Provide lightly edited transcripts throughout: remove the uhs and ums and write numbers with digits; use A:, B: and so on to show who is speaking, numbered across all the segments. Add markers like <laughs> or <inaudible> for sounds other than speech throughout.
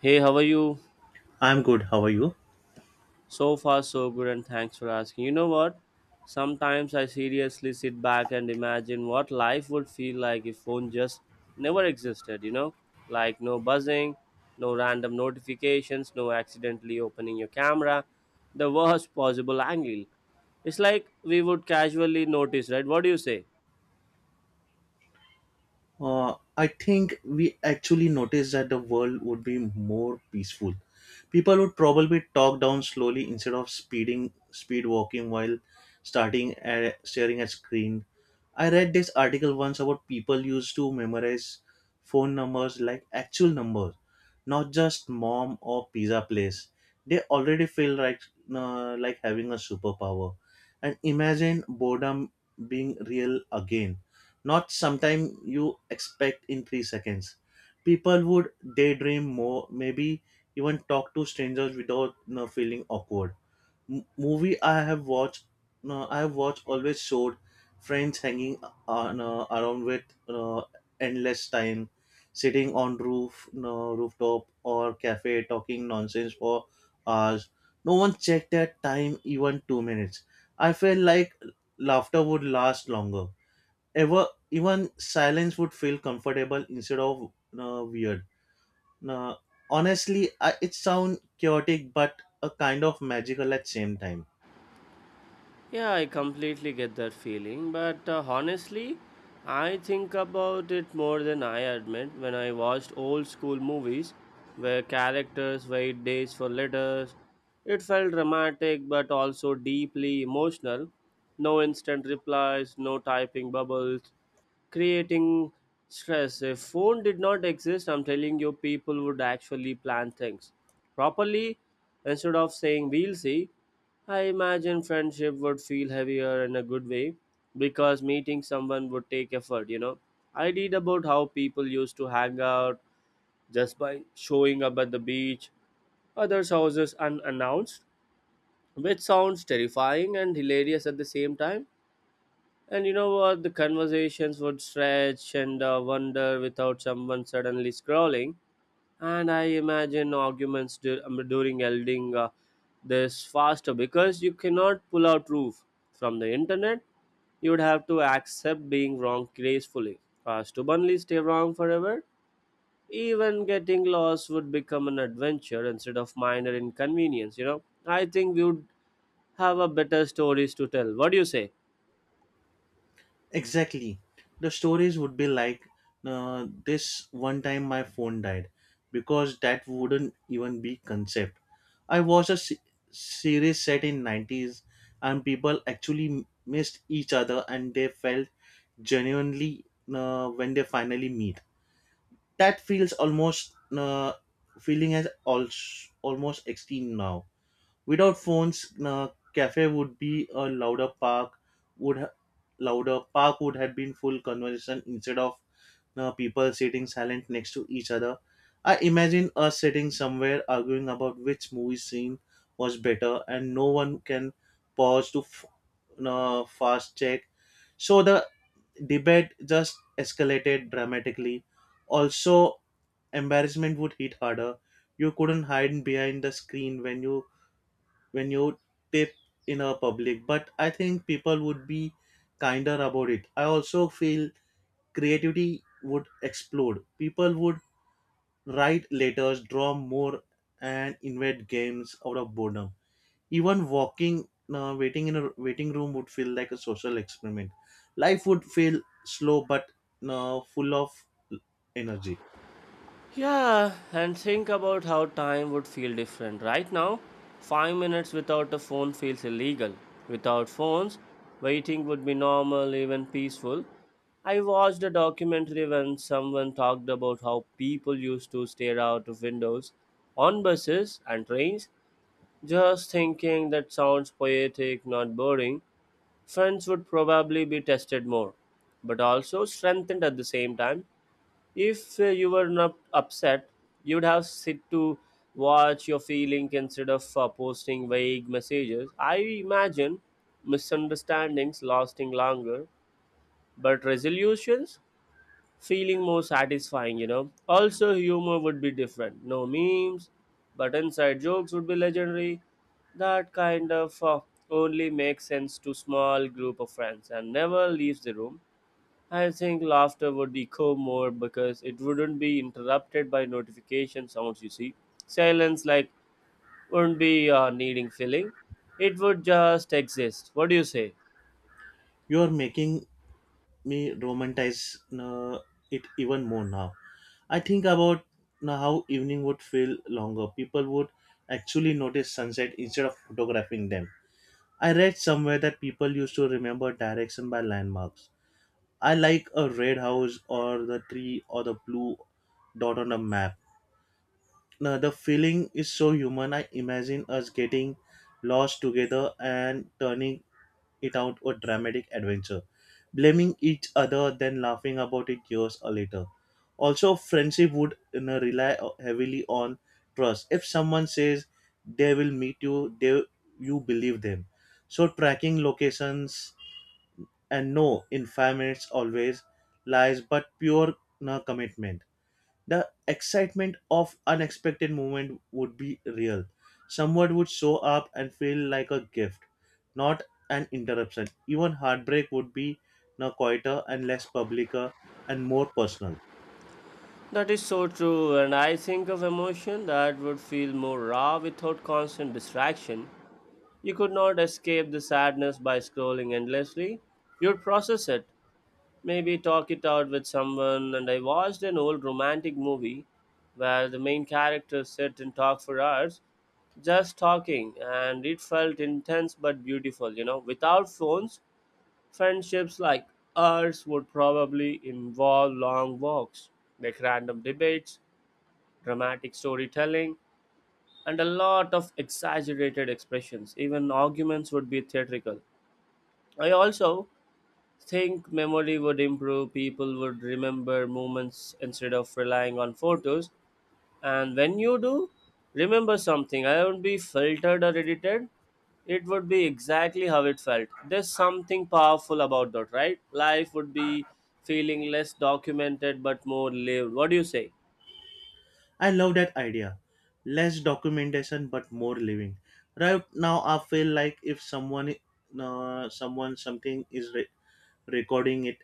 A: Hey, how are you?
B: I'm good. How are you?
A: So far, so good, and thanks for asking. You know what? Sometimes I seriously sit back and imagine what life would feel like if phone just never existed, you know? Like no buzzing, no random notifications, no accidentally opening your camera, the worst possible angle. It's like we would casually notice, right? What do you say?
B: I think we actually noticed that the world would be more peaceful. People would probably talk down slowly instead of speed walking while staring at screen. I read this article once about people used to memorize phone numbers like actual numbers, not just mom or pizza place. They already feel like having a superpower, and imagine boredom being real again, not sometime you expect in 3 seconds. People would daydream more, maybe even talk to strangers without feeling awkward. Movie I have watched, no, I have watched always showed friends hanging on, no, around with endless time, sitting on roof no, rooftop or cafe talking nonsense for hours. No one checked that time, even 2 minutes. I felt like laughter would last longer, ever even silence would feel comfortable instead of weird. uh, Honestly it sounds chaotic but a kind of magical at same time.
A: Yeah, I completely get that feeling, but honestly, I think about it more than I admit when I watched old school movies where characters wait days for letters. It felt dramatic but also deeply emotional. No instant replies, no typing bubbles, creating stress. If phone did not exist, I'm telling you, people would actually plan things properly instead of saying we'll see. I imagine friendship would feel heavier in a good way because meeting someone would take effort, you know. I read about how people used to hang out just by showing up at the beach, others' houses unannounced, which sounds terrifying and hilarious at the same time. And you know what? The conversations would stretch and wonder without someone suddenly scrolling. And I imagine arguments dur- during elding this faster because you cannot pull out proof from the internet. You would have to accept being wrong gracefully. Stubbornly stay wrong forever. Even getting lost would become an adventure instead of minor inconvenience. You know, I think we would have a better stories to tell. What do you say?
B: Exactly, the stories would be like, this one time my phone died, because that wouldn't even be concept. I watched a series set in '90s, and people actually missed each other and they felt genuinely when they finally meet. That feels almost feeling as also almost extinct now. Without phones, cafe would be a louder park. Would ha- Louder park would have been full conversation instead of people sitting silent next to each other. I imagine us sitting somewhere arguing about which movie scene was better, and no one can pause to fast check. So the debate just escalated dramatically. Also, embarrassment would hit harder. You couldn't hide behind the screen when you tip in a public. But I think people would be kinder about it. I also feel creativity would explode. People would write letters, draw more, and invent games out of boredom. Even walking, waiting in a waiting room would feel like a social experiment. Life would feel slow but full of energy.
A: Yeah, and think about how time would feel different. Right now, 5 minutes without a phone feels illegal. Without phones, waiting would be normal, even peaceful. I watched a documentary when someone talked about how people used to stare out of windows on buses and trains, just thinking that sounds poetic, not boring. Friends would probably be tested more, but also strengthened at the same time. If you were not upset, you'd have sit to watch your feeling instead of posting vague messages. I imagine misunderstandings lasting longer, but resolutions feeling more satisfying, you know. Also, humor would be different. No memes, but inside jokes would be legendary. That kind of only makes sense to small group of friends and never leaves the room. I think laughter would echo more because it wouldn't be interrupted by notification sounds, you see. Silence, like, wouldn't be needing filling. It would just exist. What do you say?
B: You are making me romanticize it even more now. I think about how evening would feel longer. People would actually notice sunset instead of photographing them. I read somewhere that people used to remember direction by landmarks. I like a red house or the tree or the blue dot on a map. Now, the feeling is so human. I imagine us getting lost together and turning it out a dramatic adventure, blaming each other, then laughing about it years later. Also, friendship would rely heavily on trust. If someone says they will meet you, they you believe them. So, tracking locations and no, in 5 minutes always lies, but pure commitment, the excitement of unexpected moment would be real. Someone would show up and feel like a gift, not an interruption. Even heartbreak would be now quieter and less public, and more personal.
A: That is so true, and I think of emotion that would feel more raw without constant distraction. You could not escape the sadness by scrolling endlessly. You'd process it, maybe talk it out with someone. And I watched an old romantic movie where the main character sit and talk for hours, just talking, and it felt intense but beautiful. You know, without phones, friendships like ours would probably involve long walks, like random debates, dramatic storytelling, and a lot of exaggerated expressions. Even arguments would be theatrical. I also think memory would improve. People would remember moments instead of relying on photos, and when you do remember something, I won't be filtered or edited. It would be exactly how it felt. There's something powerful about that, right? Life would be feeling less documented but more lived. What do you say?
B: I love that idea. Less documentation but more living. Right now, I feel like if someone, something is recording it,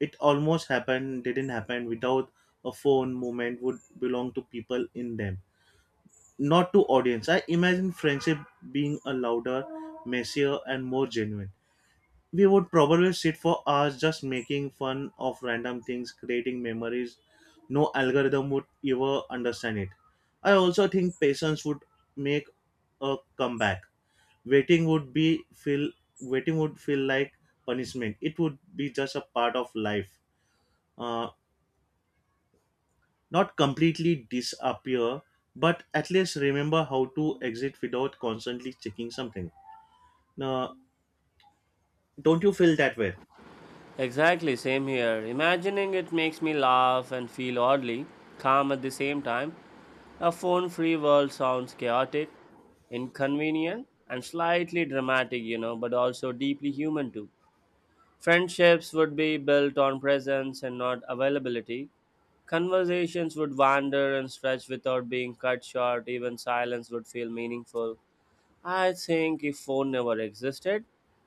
B: it almost happened, didn't happen. Without a phone, moment would belong to people in them, not to audience. I imagine friendship being a louder, messier, and more genuine. We would probably sit for hours just making fun of random things, creating memories. No algorithm would ever understand it. I also think patience would make a comeback. Waiting would be feel Waiting would feel like punishment. It would be just a part of life. Uh, Not completely disappear, but at least remember how to exit without constantly checking something. Now, don't you feel that way?
A: Exactly, same here. Imagining it makes me laugh and feel oddly calm at the same time. A phone free world sounds chaotic, inconvenient, and slightly dramatic, you know, but also deeply human too. Friendships would be built on presence and not availability. Conversations would wander and stretch without being cut short, even silence would feel meaningful. I think if phone never existed,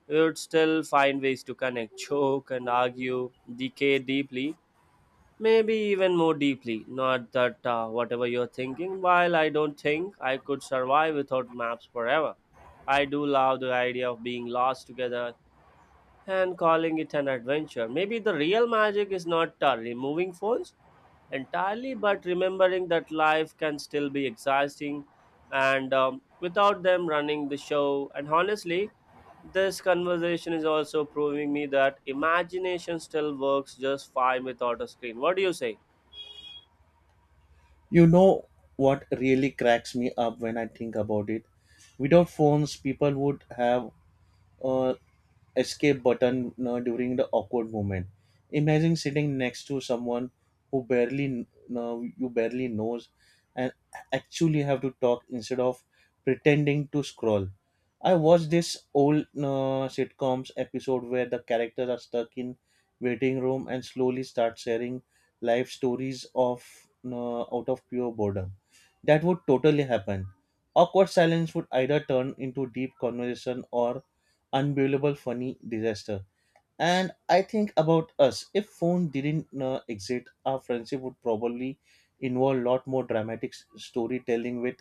A: we would still find ways to connect, joke, and argue, decay deeply, maybe even more deeply. Not that whatever you're thinking, while I don't think I could survive without maps forever, I do love the idea of being lost together and calling it an adventure. Maybe the real magic is not removing phones entirely, but remembering that life can still be exciting and without them running the show. And honestly, this conversation is also proving me that imagination still works just fine without a screen. What do you say?
B: You know what really cracks me up when I think about it? Without phones, people would have a escape button during the awkward moment. Imagine sitting next to someone who you barely knows, and actually have to talk instead of pretending to scroll. I watched this old sitcoms episode where the characters are stuck in waiting room and slowly start sharing life stories of out of pure boredom. That would totally happen. Awkward silence would either turn into deep conversation or unbelievable funny disaster. And I think about us, if phone didn't exist, our friendship would probably involve a lot more dramatic storytelling with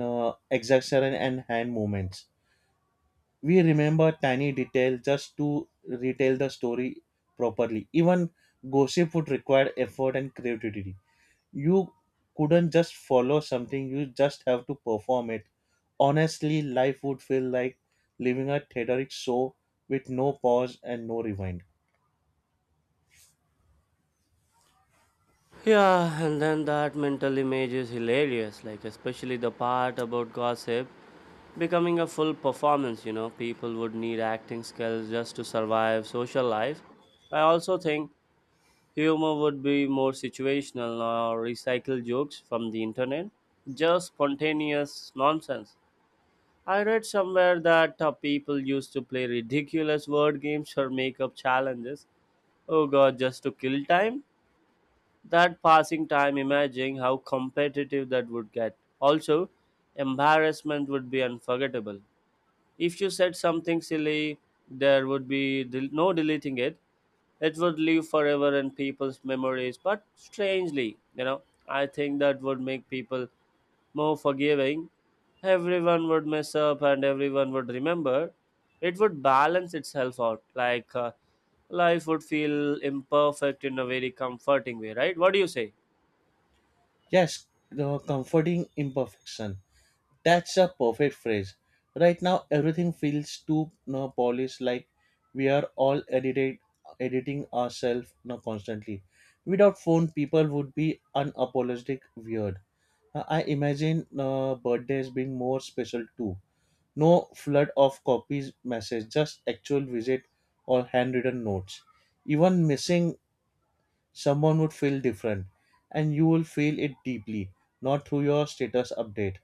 B: exaggeration and hand movements. We remember tiny details just to retell the story properly. Even gossip would require effort and creativity. You couldn't just follow something, you just have to perform it. Honestly life would feel like living a theatric show with no pause and no rewind.
A: Yeah, and then that mental image is hilarious, like especially the part about gossip becoming a full performance. You know, people would need acting skills just to survive social life. I also think humor would be more situational or recycle jokes from the internet, just spontaneous nonsense. I read somewhere that people used to play ridiculous word games or make up challenges, oh god, just to kill time. That passing time, imagining how competitive that would get. Also, embarrassment would be unforgettable. If you said something silly, there would be no deleting it. It would live forever in people's memories. But strangely, you know, I think that would make people more forgiving. Everyone would mess up and everyone would remember. It would balance itself out. Like life would feel imperfect in a very comforting way, right? What do you say?
B: Yes, the comforting imperfection, that's a perfect phrase. Right now everything feels too no polished, like we are all edited editing ourselves constantly. Without phone people would be unapologetic weird. I imagine birthdays being more special too. No flood of copies message, just actual visit or handwritten notes. Even missing someone would feel different, and you will feel it deeply, not through your status update,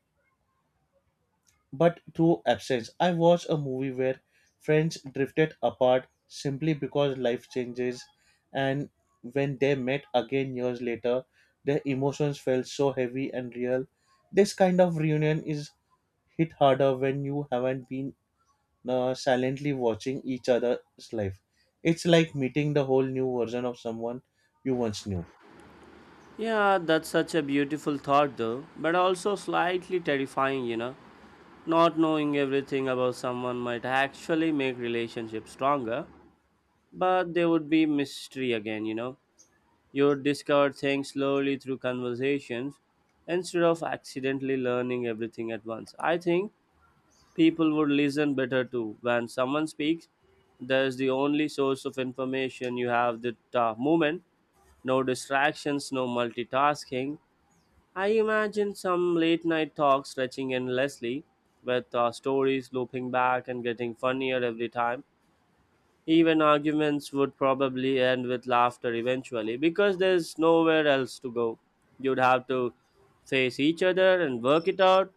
B: but through absence. I watched a movie where friends drifted apart simply because life changes, and when they met again years later, their emotions felt so heavy and real. This kind of reunion is hit harder when you haven't been silently watching each other's life. It's like meeting the whole new version of someone you once knew.
A: Yeah, that's such a beautiful thought, though, but also slightly terrifying, you know. Not knowing everything about someone might actually make relationships stronger, but they would be mystery again, you know. You would discover things slowly through conversations instead of accidentally learning everything at once. I think people would listen better too. When someone speaks, there's the only source of information you have the moment, no distractions, no multitasking. I imagine some late night talk stretching endlessly, with stories looping back and getting funnier every time. Even arguments would probably end with laughter eventually, because there's nowhere else to go. You'd have to face each other and work it out,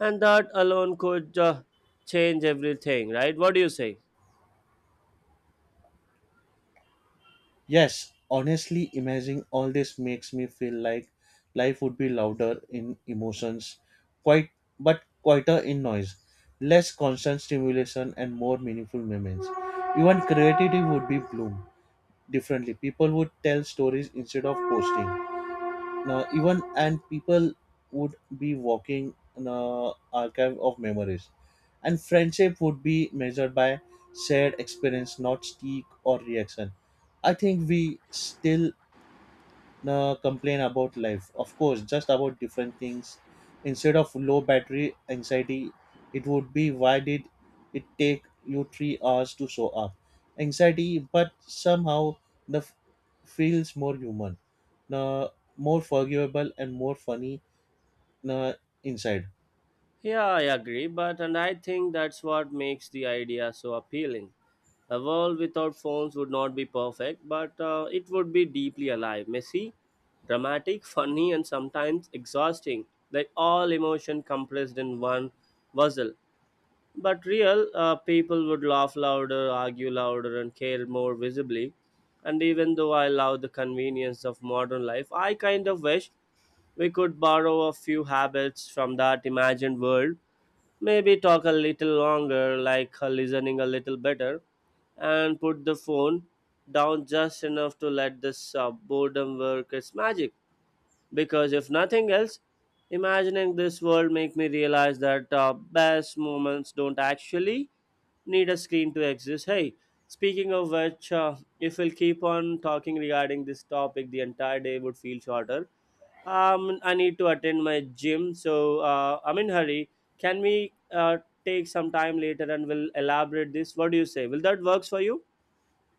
A: and that alone could change everything, right? What do you say?
B: Yes, honestly, imagining all this makes me feel like life would be louder in emotions, quite but quieter in noise, less constant stimulation, and more meaningful moments. Even creativity would be bloom differently. People would tell stories instead of posting. Now, even and people would be walking in a archive of memories, and friendship would be measured by shared experience, not streak or reaction. I think we still complain about life. Of course, just about different things. Instead of low battery anxiety, it would be, why did it take you 3 hours to show up? Anxiety, but somehow the f- feels more human, uh, more forgivable and more funny uh, inside.
A: Yeah, I agree, but and I think that's what makes the idea so appealing. A world without phones would not be perfect, but it would be deeply alive, messy, dramatic, <laughs> funny, and sometimes exhausting. Like all emotion compressed in one puzzle. But real people would laugh louder, argue louder, and care more visibly. And even though I love the convenience of modern life, I kind of wish we could borrow a few habits from that imagined world. Maybe talk a little longer, like her listening a little better, and put the phone down just enough to let this boredom work its magic. Because if nothing else, imagining this world make me realize that best moments don't actually need a screen to exist. Hey, speaking of which, if we'll keep on talking regarding this topic, the entire day would feel shorter. I need to attend my gym, so I'm in hurry. Can we take some time later and we'll elaborate this? What do you say? Will that works for you?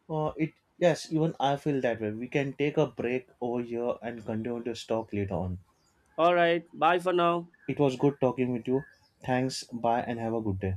B: It Yes, even I feel that way. We can take a break over here and continue this talk later on.
A: All right. Bye for now.
B: It was good talking with you. Thanks. Bye and have a good day.